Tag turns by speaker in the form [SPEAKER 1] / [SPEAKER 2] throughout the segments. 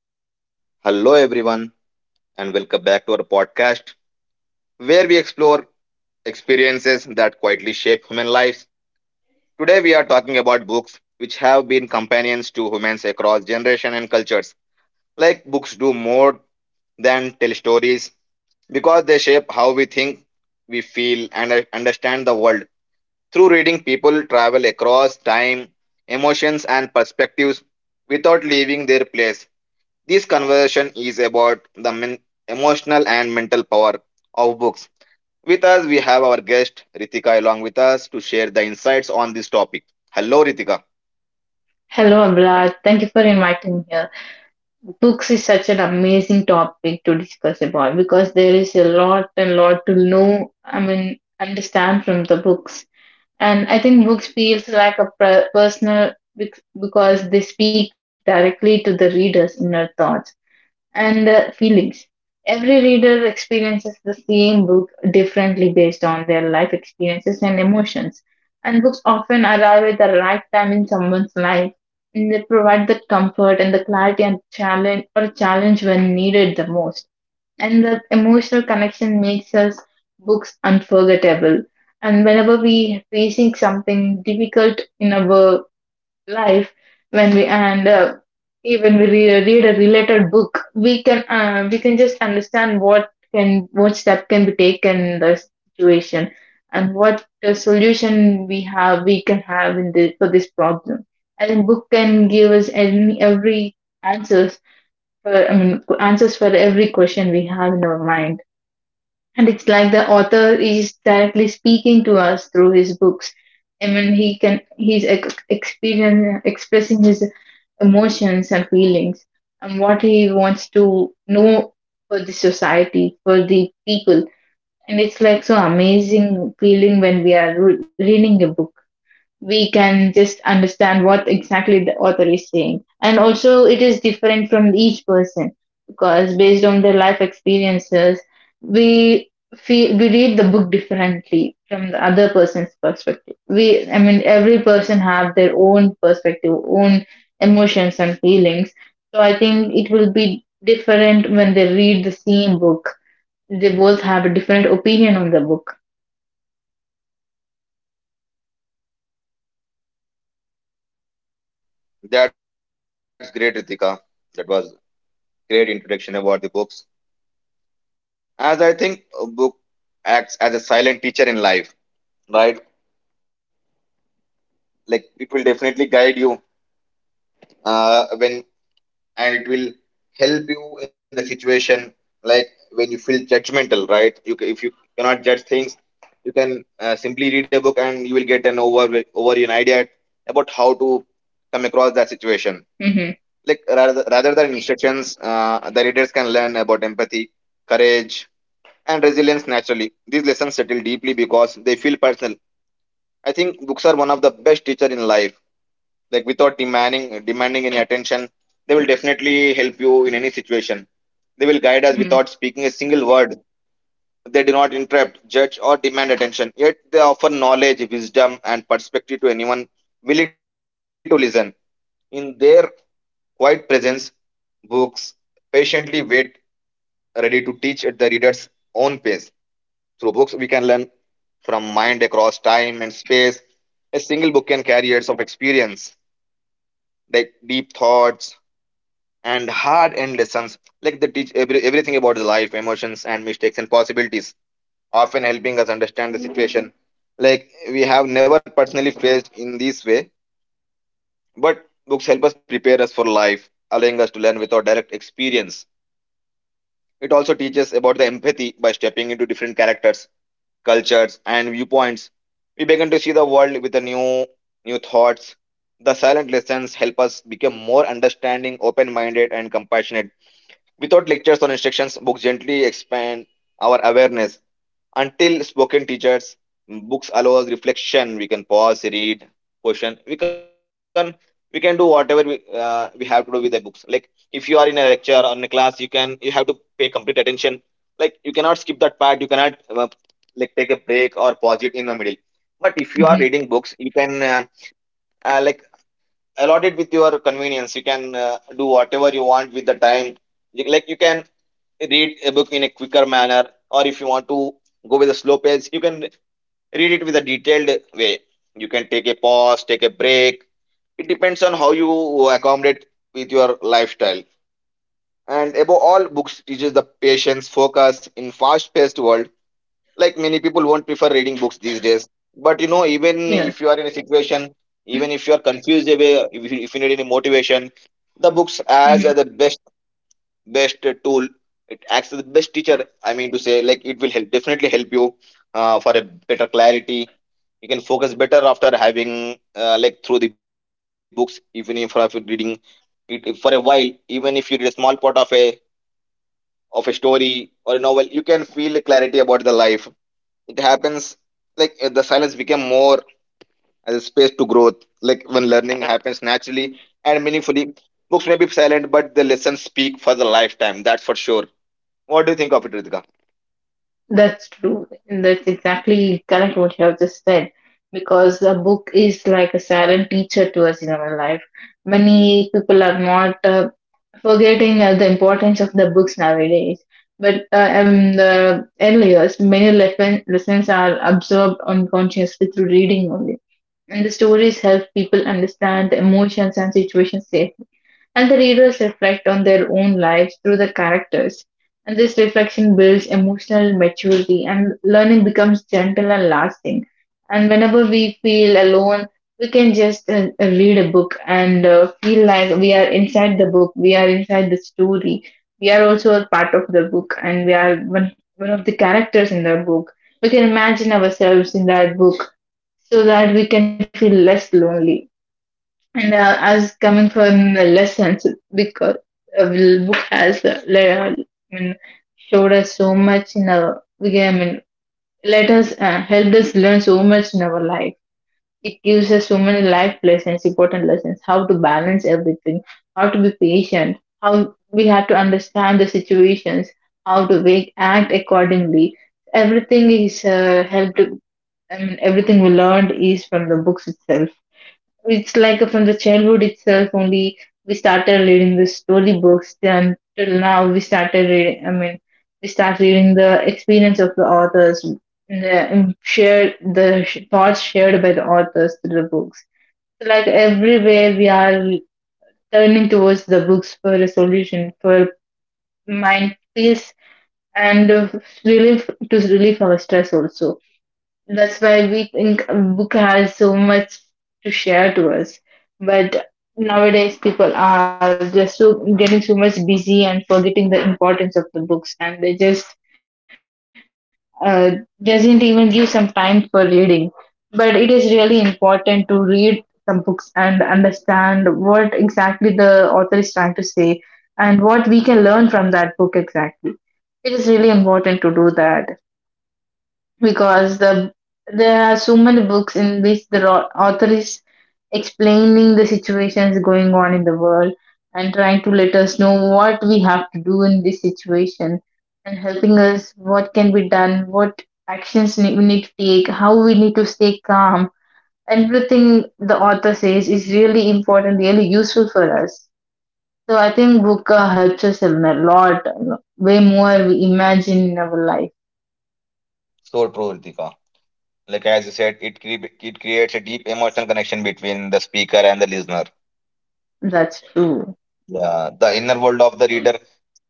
[SPEAKER 1] Hello, everyone, and welcome back to our podcast where we explore experiences that quietly shape human lives. Today, we are talking about books which have been companions to humans across generations and cultures. Like books do more than tell stories because they shape how we think, we feel, and understand the world. Through reading, people travel across time, emotions, and perspectives without leaving their place. This conversation is about the emotional and mental power of books. With us, we have our guest Ritika along with us to share the insights on this topic. Hello, Ritika.
[SPEAKER 2] Hello, Amrad. Thank you for inviting me here. Books is such an amazing topic to discuss about because there is a lot and lot to know, I mean, understand from the books. And I think books feels like a personal because they speak directly to the reader's inner thoughts and feelings. Every reader experiences the same book differently based on their life experiences and emotions. And books often arrive at the right time in someone's life, and they provide the comfort and the clarity and challenge or challenge when needed the most. And the emotional connection makes us books unforgettable. And whenever we facing something difficult in our life when we and even we read a related book we can just understand what can what step can be taken in the situation, and what the solution we have we can have in this for this problem. I think book can give us any every answers for, I mean, answers for every question we have in our mind, and it's like the author is directly speaking to us through his books. I mean, he can he's ex- experience, expressing his emotions and feelings and what he wants to know for the society, for the people. And it's like so amazing feeling when we are reading a book we can just understand what exactly the author is saying. And also, it is different from each person because based on their life experiences, we feel we read the book differently from the other person's perspective. We, I mean, every person have their own perspective, own emotions and feelings. So I think it will be different when they read the same book. They both have a different opinion on the book.
[SPEAKER 1] That's great, Ritika. That was great introduction about the books. As I think a book acts as a silent teacher in life, right? Like it will definitely guide you, when and it will help you in the situation, like when you feel judgmental, right? If you cannot judge things, you can simply read a book and you will get an over an idea about how to come across that situation.
[SPEAKER 2] hmm
[SPEAKER 1] Like rather than instructions, the readers can learn about empathy, courage, and resilience. Naturally, these lessons settle deeply because they feel personal. I think books are one of the best teacher in life. Like without demanding any attention, they will definitely help you in any situation. They will guide us
[SPEAKER 2] hmm
[SPEAKER 1] without speaking a single word. They do not interrupt, judge, or demand attention, yet they offer knowledge, wisdom, and perspective to anyone willing to listen. In their quiet presence, books patiently wait, ready to teach at the reader's own pace. Through books, we can learn from mind across time and space. A single book can carry years of experience, like deep thoughts and hard-earned lessons. Like they teach every, everything about the life, emotions, and mistakes and possibilities, often helping us understand the situation. Like we have never personally faced in this way, but books help us prepare us for life, allowing us to learn without direct experience. It also teaches about the empathy by stepping into different characters, cultures, and viewpoints. We begin to see the world with a new thoughts. The silent lessons help us become more understanding, open-minded, and compassionate. Without lectures or instructions, books gently expand our awareness. Until spoken teachers, books allow us reflection. We can pause, read, question. We can do whatever we have to do with the books. Like if you are in a lecture or in a class, you can you have to pay complete attention. Like you cannot skip that part. You cannot like take a break or pause it in the middle. But if you are
[SPEAKER 2] hmm
[SPEAKER 1] reading books, you can like allot it with your convenience. You can do whatever you want with the time. Like you can read a book in a quicker manner, or if you want to go with a slow pace, you can read it with a detailed way. You can take a pause, take a break. It depends on how you accommodate with your lifestyle. And above all, books teaches the patience focus in fast paced world. Like many people won't prefer reading books these days, but you know even
[SPEAKER 2] Yes.
[SPEAKER 1] if you are in a situation, even if you are confused away, if you need any motivation, the books
[SPEAKER 2] Mm-hmm.
[SPEAKER 1] as are the best best tool. It acts as the best teacher. I mean to say, like it will help definitely help you for a better clarity. You can focus better after having like through the books. Even if after reading it for a while, even if you read a small part of a story or a novel, you can feel clarity about the life. It happens. Like the silence become more as a space to growth, like when learning happens naturally and meaningfully. Books may be silent, but the lessons speak for the lifetime. That's for sure. What do you think of it, Ritika?
[SPEAKER 2] That's true. And that's exactly correct what you have just said. Because a book is like a silent teacher to us in our life. Many people are not forgetting the importance of the books nowadays. But in the early years, many lessons are absorbed unconsciously through reading only, and the stories help people understand the emotions and situations safely. And the readers reflect on their own lives through the characters. And this reflection builds emotional maturity, and learning becomes gentle and lasting. And whenever we feel alone, we can just read a book and feel like we are inside the book, we are inside the story, we are also a part of the book, and we are one, one of the characters in the book. We can imagine ourselves in that book so that we can feel less lonely. And as coming from the lessons, because the book has le- I mean, showed us so much in our, we can, I mean, let us helped us learn so much in our life. It gives us so many life lessons, important lessons, how to balance everything, how to be patient, how we have to understand the situations, how to make, act accordingly. Everything is helped, I mean, everything we learned is from the books itself. It's like from the childhood itself only we started reading the story books. Then till now we started reading. I mean, we start reading the experience of the authors and the and shared the thoughts shared by the authors through the books. So, like everywhere we are turning towards the books for a solution for mind peace and relief to relieve our stress also. That's why we think a book has so much to share to us. But nowadays, people are just so getting so much busy and forgetting the importance of the books, and they just uh, doesn't even give some time for reading. But it is really important to read some books and understand what exactly the author is trying to say and what we can learn from that book exactly. It is really important to do that because there are so many books in which the author is explaining the situations going on in the world and trying to let us know what we have to do in this situation, and helping us what can be done, what actions we need to take, how we need to stay calm. Everything the author says is really important, really useful for us. So I think book helps us a lot, way more we imagine in our life.
[SPEAKER 1] So true, Ritika. Like as you said, it creates a deep emotional connection between the speaker and the listener.
[SPEAKER 2] That's true.
[SPEAKER 1] Yeah, the inner world of the reader,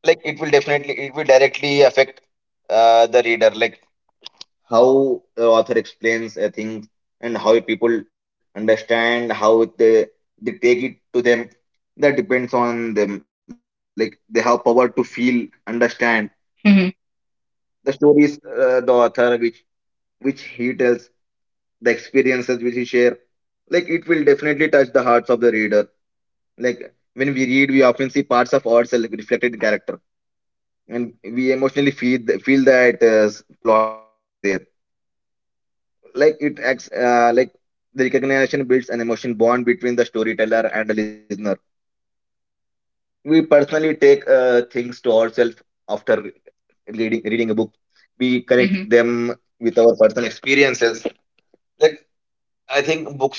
[SPEAKER 1] like it will definitely, it will directly affect the reader, like how the author explains a thing and how people understand, how they take it to them. That depends on them. Like they have power to feel, understand
[SPEAKER 2] Mhm.
[SPEAKER 1] the stories, the author which he tells, the experiences which he share. Like it will definitely touch the hearts of the reader. Like when we read, we often see parts of ourselves reflected in character, and we emotionally feel that plot there. Like it acts like the recognition builds an emotion bond between the storyteller and the listener. We personally take things to ourselves after reading a book. We connect them with our personal experiences. Like I think books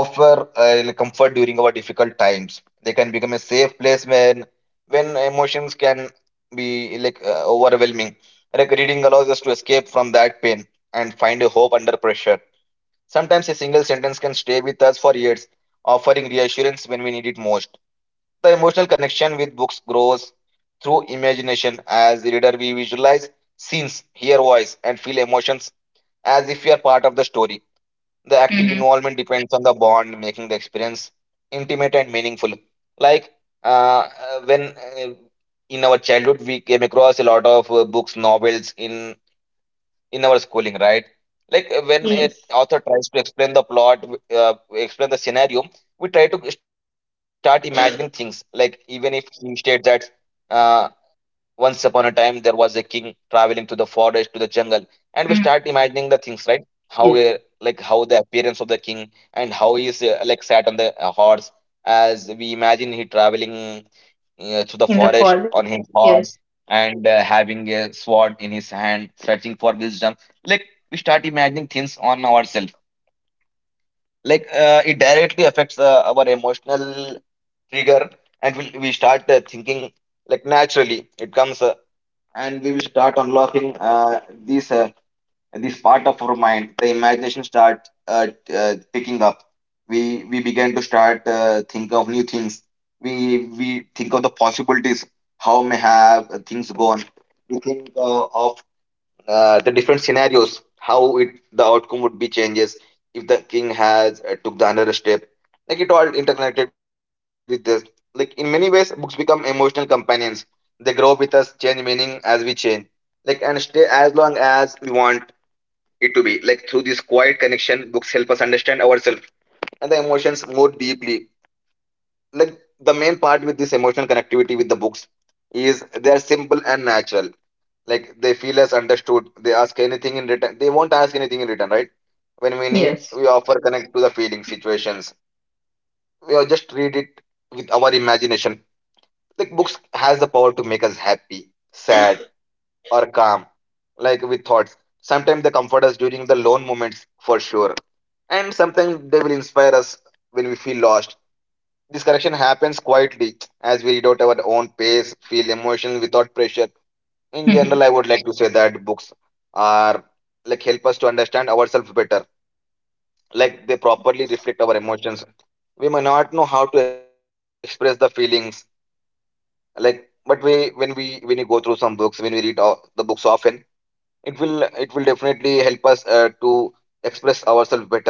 [SPEAKER 1] offer comfort during our difficult times. They can become a safe place when emotions can be like overwhelming. Like reading allows us to escape from that pain and find a hope under pressure. Sometimes a single sentence can stay with us for years, offering reassurance when we need it most. The emotional connection with books grows through imagination. As a reader, we visualize scenes, hear voice, and feel emotions as if we are part of the story. The active
[SPEAKER 2] Mm-hmm.
[SPEAKER 1] involvement depends on the bond, making the experience intimate and meaningful. Like uh, when in our childhood we came across a lot of books, novels in our schooling, right? Like when an
[SPEAKER 2] Yes.
[SPEAKER 1] author tries to explain the plot, explain the scenario, we try to start imagining things, like
[SPEAKER 2] Mm-hmm.
[SPEAKER 1] even if he states that. Uh, Once upon a time, there was a king traveling to the forest, to the jungle, and we start imagining the things, right? How,
[SPEAKER 2] Yes.
[SPEAKER 1] like, how the appearance of the king and how he is like sat on the horse, as we imagine he traveling to the
[SPEAKER 2] In the
[SPEAKER 1] forest
[SPEAKER 2] college.
[SPEAKER 1] on his
[SPEAKER 2] Yes.
[SPEAKER 1] horse, and having a sword in his hand, searching for wisdom. Like, we start imagining things on ourselves. Like, it directly affects our emotional trigger, and we start thinking. Like naturally it comes, and we will start unlocking this part of our mind. The imagination start picking up. We begin to start think of new things. We think of the possibilities. How may have things gone? We think of the different scenarios, how it the outcome would be changes if the king has took the another step. Like it all interconnected with this. Like in many ways, books become emotional companions. They grow with us, change meaning as we change. Like and stay as long as we want it to be. Like through this quiet connection, books help us understand ourselves and the emotions more deeply. Like the main part with this emotional connectivity with the books is they are simple and natural. Like they feel us understood, they ask anything in return, they won't ask anything in return, right? When we need,
[SPEAKER 2] Yes.
[SPEAKER 1] we offer connect to the feelings situations. We are just read it with our imagination. Like books has the power to make us happy, sad, or calm, like with thoughts. Sometimes they comfort us during the lone moments, for sure. And sometimes they will inspire us when we feel lost. This correction happens quietly as we read out our own pace, feel emotions without pressure. In
[SPEAKER 2] Mm-hmm.
[SPEAKER 1] general, I would like to say that books are like help us to understand ourselves better. Like they properly reflect our emotions. We may not know how to express the feelings, like but we when we go through some books, when the books often, it will definitely help us to express ourselves better,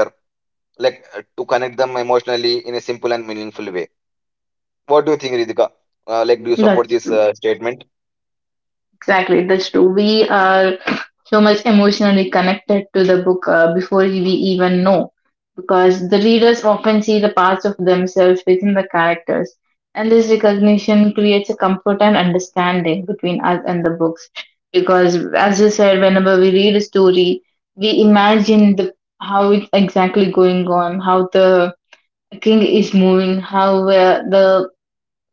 [SPEAKER 1] like to connect them emotionally in a simple and meaningful way. What do you think, Ritika? Like, do you support
[SPEAKER 2] That's
[SPEAKER 1] this
[SPEAKER 2] true.
[SPEAKER 1] statement?
[SPEAKER 2] Exactly. That's true. We are so much emotionally connected to the book before we even know, because the readers often see the parts of themselves within the characters. And this recognition creates a comfort and understanding between us and the books. Because, as you said, whenever we read a story, we imagine the how it's exactly going on, how the King is moving, how the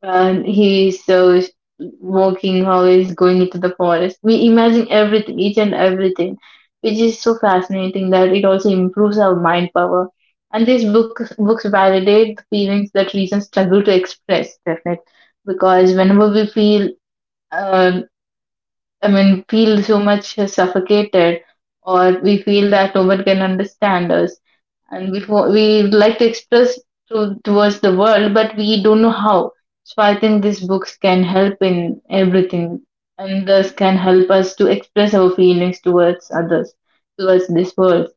[SPEAKER 2] he is so walking, how he's going into the forest. We imagine everything, each and everything, which is so fascinating that it also improves our mind power. And these books validate the feelings that reason struggle to express, definitely, because whenever we feel, uh, I mean, feel so much suffocated, or we feel that no one can understand us and before we would like to express to, towards the world, but we don't know how. So I think these books can help in everything, and thus can help us to express our feelings towards others, towards this world.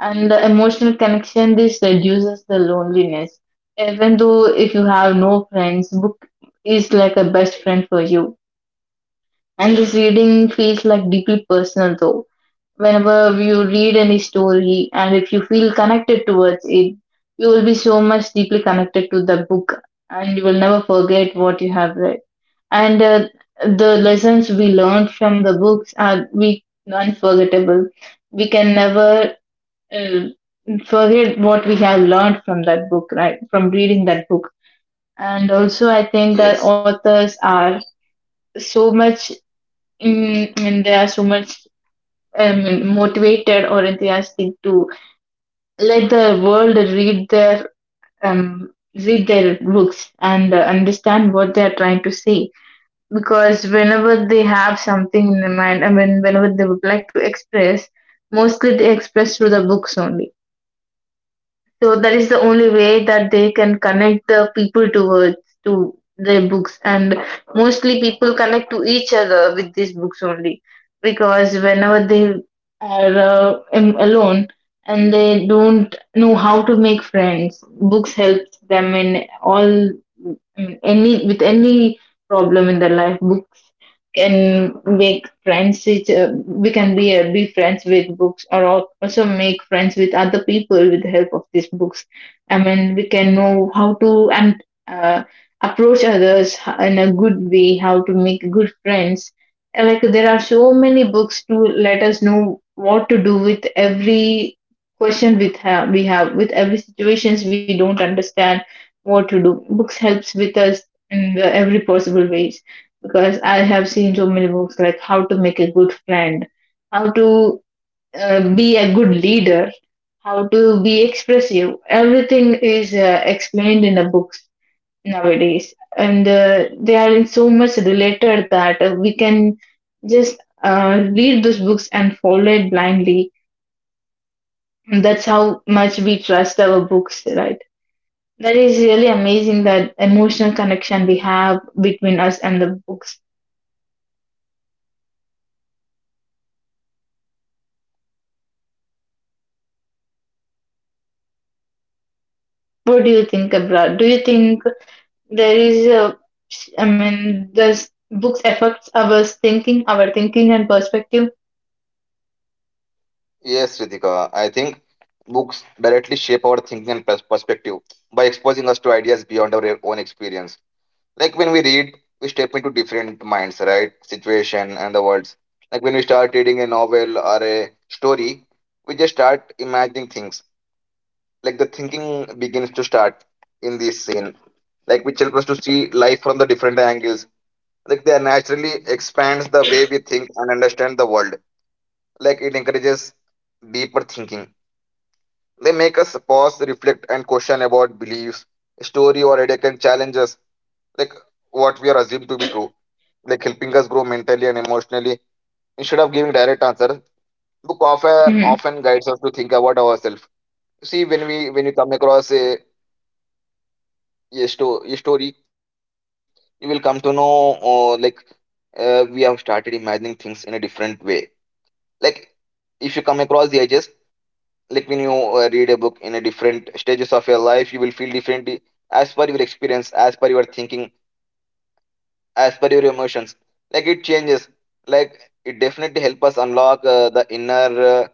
[SPEAKER 2] And the emotional connection this reduces the loneliness. Even though if you have no friends, book is like a best friend for you. And this reading feels like deeply personal though whenever you read any story, and if you feel connected towards it, you will be so much deeply connected to the book and you will never forget what you have read. And the lessons we learned from the books are we unforgettable. We can never uh, forget what we have learned from that book, right? From reading that book. And also,
[SPEAKER 1] Yes,
[SPEAKER 2] I think that authors are so much, I mean, they are so much motivated or enthusiastic to let the world um, read their books and understand what they are trying to say, because whenever they have something in their mind, I mean, whenever they would like to express, mostly they express through the books only. So that is the only way that they can connect the people towards to their books, and mostly people connect to each other with these books only, because whenever they are alone and they don't know how to make friends, books helps them in all, in any, with any problem in their life. Book can make friends which, we can be friends with books or also make friends with other people with the help of these books. I mean, we can know how to and uh, approach others in a good way, how to make good friends. And, like, there are so many books to let us know what to do with every question with we have, with every situations we don't understand what to do. Books helps with us in the every possible ways, because I have seen so many books like how to make a good friend, how to be a good leader, how to be expressive. Everything is explained in the books nowadays, and they are in so much related that we can just read those books and follow it blindly. And that's how much we trust our books, right? That is really amazing that emotional connection we have between us and the books. What do you think, Abra? Do you think there is a, I mean, this books affects our thinking, our thinking and perspective?
[SPEAKER 1] yes, Ritika. I think books directly shape our thinking and perspective by exposing us to ideas beyond our own experience. Like when we read, we step into different minds, right? Situation and the words. Like when we start reading a novel or a story, we just start imagining things. Like the thinking begins to start in this scene. Like which helps us to see life from the different angles, like they naturally expands the way we think and understand the world. Like it encourages deeper thinking. They make us pause, reflect and question about beliefs. Story or idea can challenge us, like what we are assumed to be true, like helping us grow mentally and emotionally. Instead of giving direct answers, book often
[SPEAKER 2] hmm
[SPEAKER 1] often guides us to think about ourselves. See, when you come across a story, you will come to know, like, we have started imagining things in a different way. Like if you come across the edges, like when you read a book in a different stages of your life, you will feel differently, as per your experience, as per your thinking, as per your emotions. Like it changes. Like it definitely help us unlock, the inner,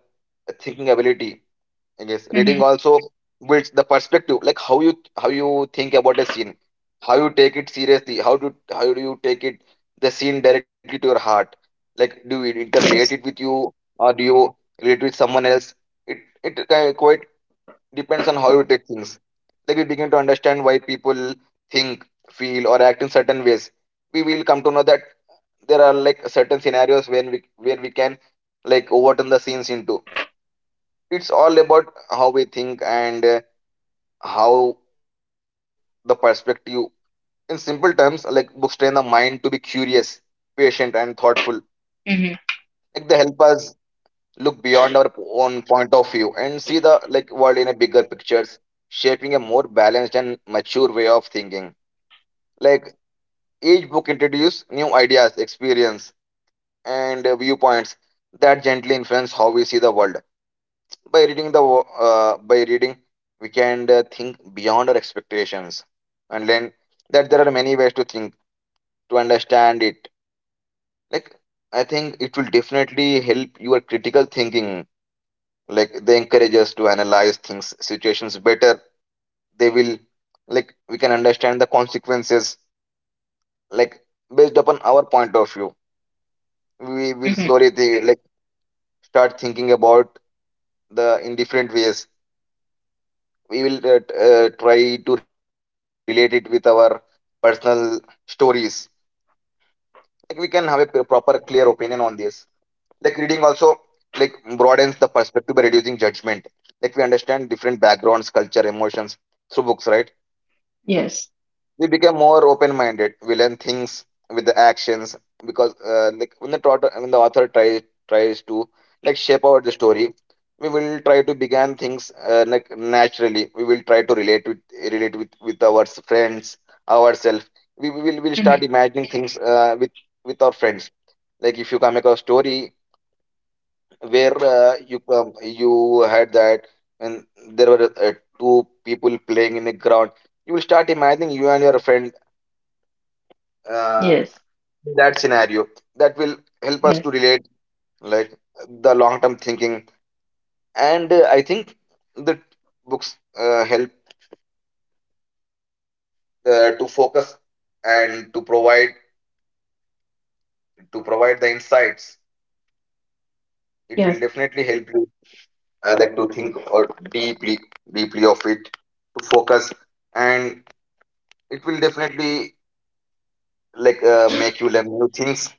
[SPEAKER 1] thinking ability. Yes,
[SPEAKER 2] hmm
[SPEAKER 1] reading also builds the perspective. Like how you think about a scene, how you take it seriously, how do you take it, the scene directly to your heart? Like do you interrelate it with
[SPEAKER 2] yes.
[SPEAKER 1] you, or do you relate with someone else? It it kind of quite depends on how you take things. Like we begin to understand why people think, feel, or act in certain ways. We will come to know that there are like certain scenarios when we where we can like overturn the scenes into. It's all about how we think, and how the perspective. In simple terms, like books train the mind to be curious, patient and thoughtful.
[SPEAKER 2] hmm
[SPEAKER 1] Like they help us look beyond our own point of view and see the like world in a bigger pictures, shaping a more balanced and mature way of thinking. Like each book introduces new ideas, experience and viewpoints that gently influence how we see the world. By reading, we can think beyond our expectations and learn that there are many ways to think, to understand it. Like, I think it will definitely help your critical thinking. Like, they encourage us to analyze things, situations better. They will, like, we can understand the consequences, like, based upon our point of view. We will
[SPEAKER 2] hmm
[SPEAKER 1] slowly, like, start thinking about the in different ways. We will try to relate it with our personal stories. Like, we can have a proper, clear opinion on this. Like reading also, like broadens the perspective by reducing judgment. Like we understand different backgrounds, culture, emotions through books, right?
[SPEAKER 2] yes.
[SPEAKER 1] We become more open minded, we learn things with the actions. Because like when the author tries to like shape out the story, we will try to begin things, like naturally we will try to relate with our friends, ourselves. We'll
[SPEAKER 2] hmm
[SPEAKER 1] start imagining things, with our friends. Like if you come across story where, you, you had that, and there were, two people playing in the ground, you will start imagining you and your friend, uh,
[SPEAKER 2] yes.
[SPEAKER 1] in that scenario. That will
[SPEAKER 2] Yes.
[SPEAKER 1] help us to relate, like the long term thinking. And I think the books, help, to focus and to provide the insights. It
[SPEAKER 2] Yes.
[SPEAKER 1] will definitely help you, like to think or deeply deeply of it, to focus. And it will definitely, like, make you learn new things.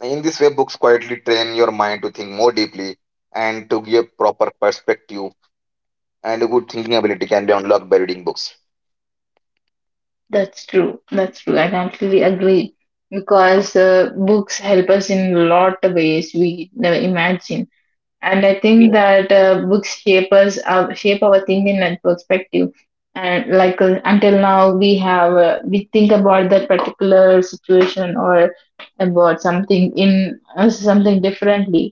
[SPEAKER 1] In this way, books quietly train your mind to think more deeply and to give proper perspective. And a good thinking ability can be unlocked by reading books.
[SPEAKER 2] That's true, that's true, I completely agree, because books help us in a lot of ways we never imagine. And I think
[SPEAKER 1] Yeah.
[SPEAKER 2] that books shape us, shape our thinking and perspective. And like until now, we have we think about that particular situation or about something in something differently.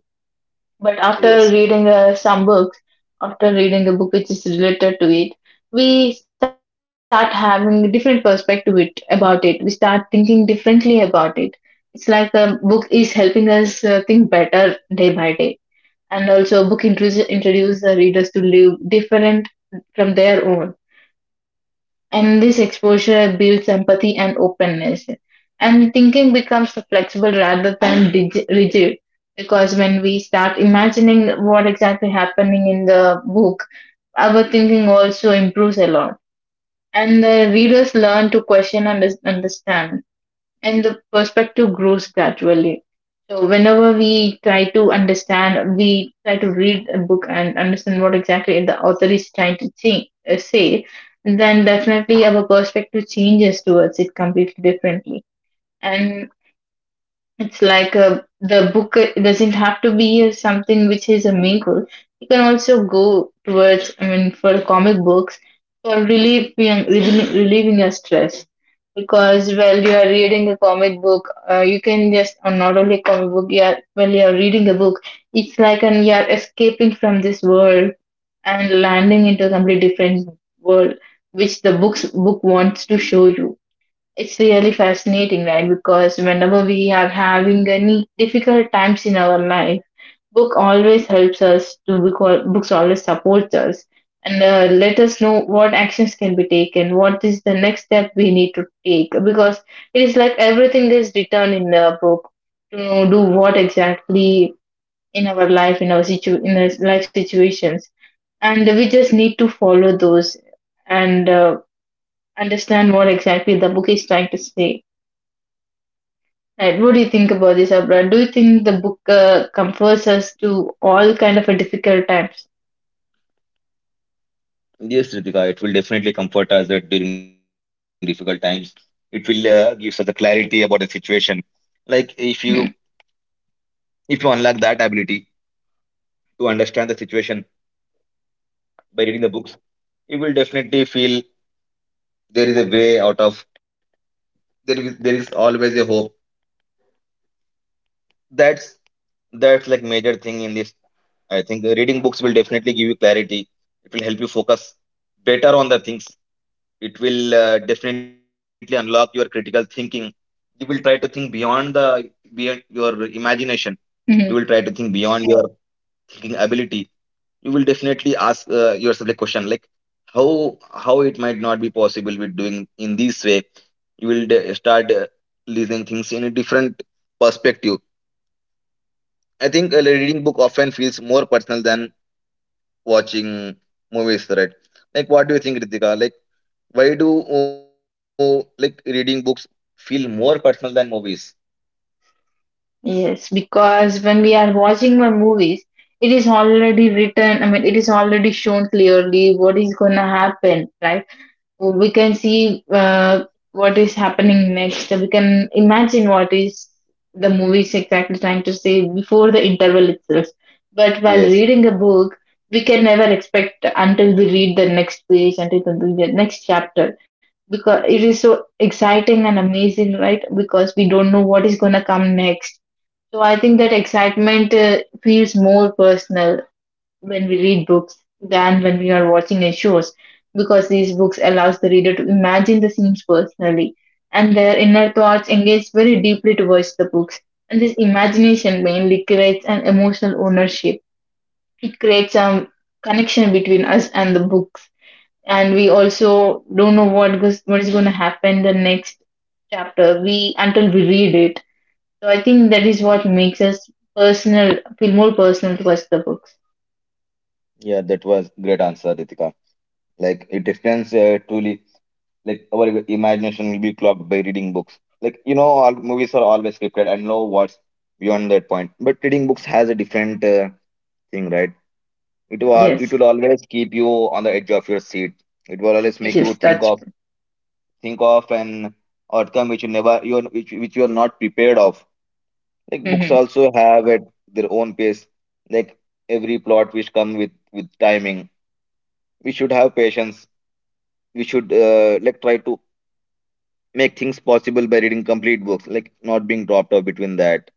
[SPEAKER 2] But after
[SPEAKER 1] Yes.
[SPEAKER 2] reading some books, after reading a book which is related to it, we start having a different perspective it, about it. We start thinking differently about it. It's like a book is helping us think better day by day. And also book introduce the readers to live different from their own, and this exposure builds empathy and openness, and thinking becomes flexible rather than rigid, because when we start imagining what exactly happening in the book, our thinking also improves a lot, and the readers learn to question and understand, and the perspective grows gradually. So, whenever we try to understand, we try to read a book and understand what exactly the author is trying to change, say, then definitely our perspective changes towards it completely differently. And it's like a, the book doesn't have to be something which is a mingle. You can also go towards, I mean, for comic books for relieving your stress. Because while you are reading a comic book, you can just, or not only comic book, yeah, while you are reading a book, it's like an, you are escaping from this world and landing into a completely different world, which the book wants to show you. It's really fascinating, right? Because whenever we are having any difficult times in our life, book always helps us to books always supports us and let us know what actions can be taken, what is the next step we need to take, because it is like everything is written in the book to know do what exactly in our life in our situ in our life situations, and we just need to follow those and understand what exactly the book is trying to say. Right. What do you think about this, Abra? Do you think the book comforts us to all kind of a difficult times?
[SPEAKER 1] Yes, Ritika, it will definitely comfort us that during difficult times it will gives us the clarity about the situation. Like if you,
[SPEAKER 2] Mhm.
[SPEAKER 1] if you unlock that ability to understand the situation by reading the books, you will definitely feel there is a way out of, there is always a hope. that's That's like major thing in this. I think reading books will definitely give you clarity. It will help you focus better on the things. It will, definitely unlock your critical thinking. You will try to think beyond the, beyond your imagination. You will try
[SPEAKER 2] Mhm.
[SPEAKER 1] to think beyond your thinking ability. You will definitely ask, yourself a question, like how it might not be possible with doing in this way. You will start, listening things in a different perspective. I think a reading book often feels more personal than watching movies, right? Like, what do you think, Ritika? Like, why do, like reading books feel more personal than movies?
[SPEAKER 2] Yes, because when we are watching the movies, it is already written. I mean, it is already shown clearly what is going to happen, right? So we can see what is happening next. So we can imagine what is the movie is exactly trying to say before the interval itself. But while
[SPEAKER 1] Yes,
[SPEAKER 2] reading a book, we can never expect until we read the next page, until we read the next chapter, because it is so exciting and amazing, right? Because we don't know what is going to come next. So I think that excitement feels more personal when we read books than when we are watching a shows, because these books allows the reader to imagine the scenes personally and their inner thoughts engage very deeply towards the books. And this imagination mainly creates an emotional ownership. It creates a connection between us and the books, and we also don't know what is going to happen the next chapter we until we read it. So I think that is what makes us personal feel more personal towards the books.
[SPEAKER 1] yeah, that was great answer, Ritika. Like, it extends, truly. Like, our imagination will be clogged by reading books. Like, you know, all movies are always scripted, and know what's beyond that point. But reading books has a different, thing, right? It will it
[SPEAKER 2] Yes.
[SPEAKER 1] will always keep you on the edge of your seat. It will always make you
[SPEAKER 2] Yes,
[SPEAKER 1] think
[SPEAKER 2] that's.
[SPEAKER 1] of think of an outcome which you never you are-, which you are not prepared of. Like books
[SPEAKER 2] Mm-hmm.
[SPEAKER 1] also have at their own pace. Like every plot which come with timing, we should have patience. We should, like try to make things possible by reading complete books, like not being dropped off between that.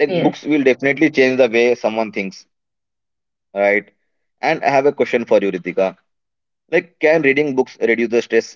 [SPEAKER 1] Like books
[SPEAKER 2] Yes,
[SPEAKER 1] will definitely change the way someone thinks, right? And I have a question for you, Ritika. Like can reading books reduce the stress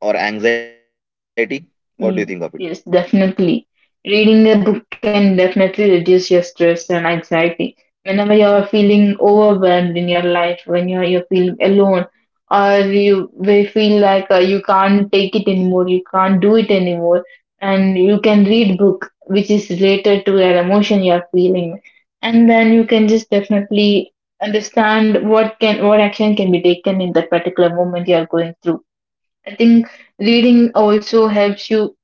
[SPEAKER 1] or anxiety? What do you think of it?
[SPEAKER 2] yes, definitely. Reading a book can definitely reduce your stress and anxiety. Whenever you're feeling overwhelmed in your life, when you're feeling alone, or you we feel like you can't take it anymore, you can't do it anymore, and you can read book which is related to your emotion you're feeling, and then you can just definitely understand what action can be taken in that particular moment you're going through. I think reading also helps you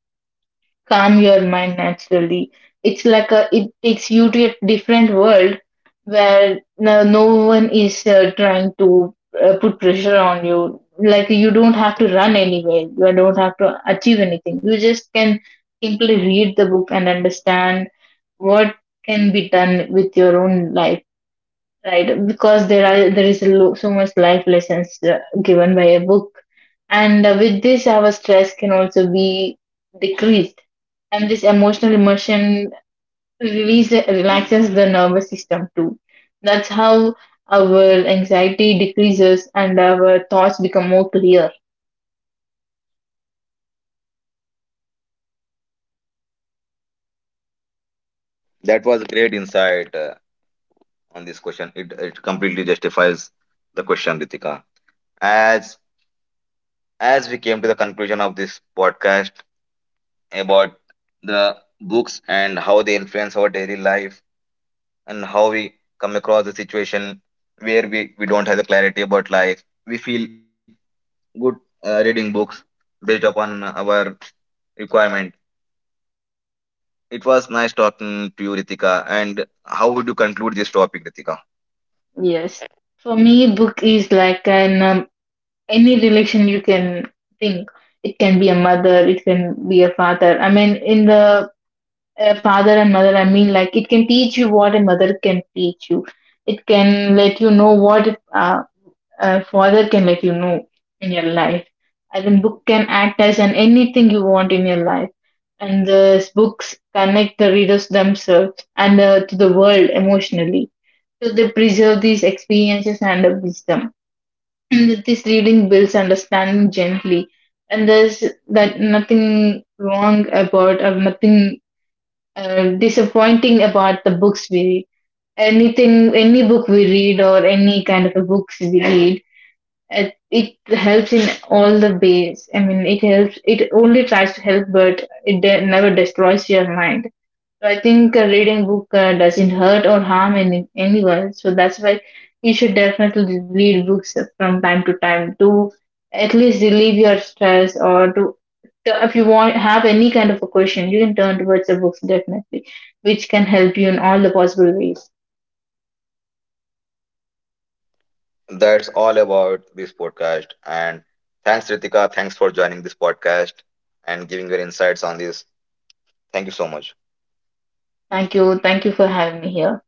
[SPEAKER 2] calm your mind naturally. It's like a, it takes you to a different world where no one is trying to put pressure on you. Like you don't have to run anywhere. You don't have to achieve anything. You just can simply read the book and understand what can be done with your own life. Right, because there is a so much life lessons given by a book, and with this our stress can also be decreased. And this emotional immersion release relaxes the nervous system too. That's how our anxiety decreases and our thoughts become more clear.
[SPEAKER 1] That was a great insight, on this question. It completely justifies the question, Ritika. As as we came to the conclusion of this podcast about the books, and how they influence our daily life, and how we come across the situation where we don't have the clarity about life, we feel good, reading books based upon our requirement. It was nice talking to you, Ritika. And how would you conclude this topic, Ritika?
[SPEAKER 2] Yes, for me book is like an any relation you can think. It can be a mother, it can be a father. I mean, in the father and mother, I mean, like, it can teach you what a mother can teach you. It can let you know what uh, a father can let you know in your life. And then book can act as an anything you want in your life. And the books connect the readers themselves and to the world emotionally, so they preserve these experiences and the wisdom. And that this reading builds understanding gently, and there's that nothing wrong about or nothing disappointing about the books we read. Anything, any book we read or any kind of a books we read, it helps in all the ways. I mean, it helps. It only tries to help, but it never destroys your mind. So I think reading book doesn't hurt or harm any, anyone, so that's why you should definitely read books from time to time to at least relieve your stress or to if you want have any kind of a question, you can turn towards the books definitely, which can help you in all the possible ways.
[SPEAKER 1] That's all about this podcast. And thanks, Ritika. Thanks for joining this podcast and giving your insights on this. Thank you so much.
[SPEAKER 2] Thank you for having me here.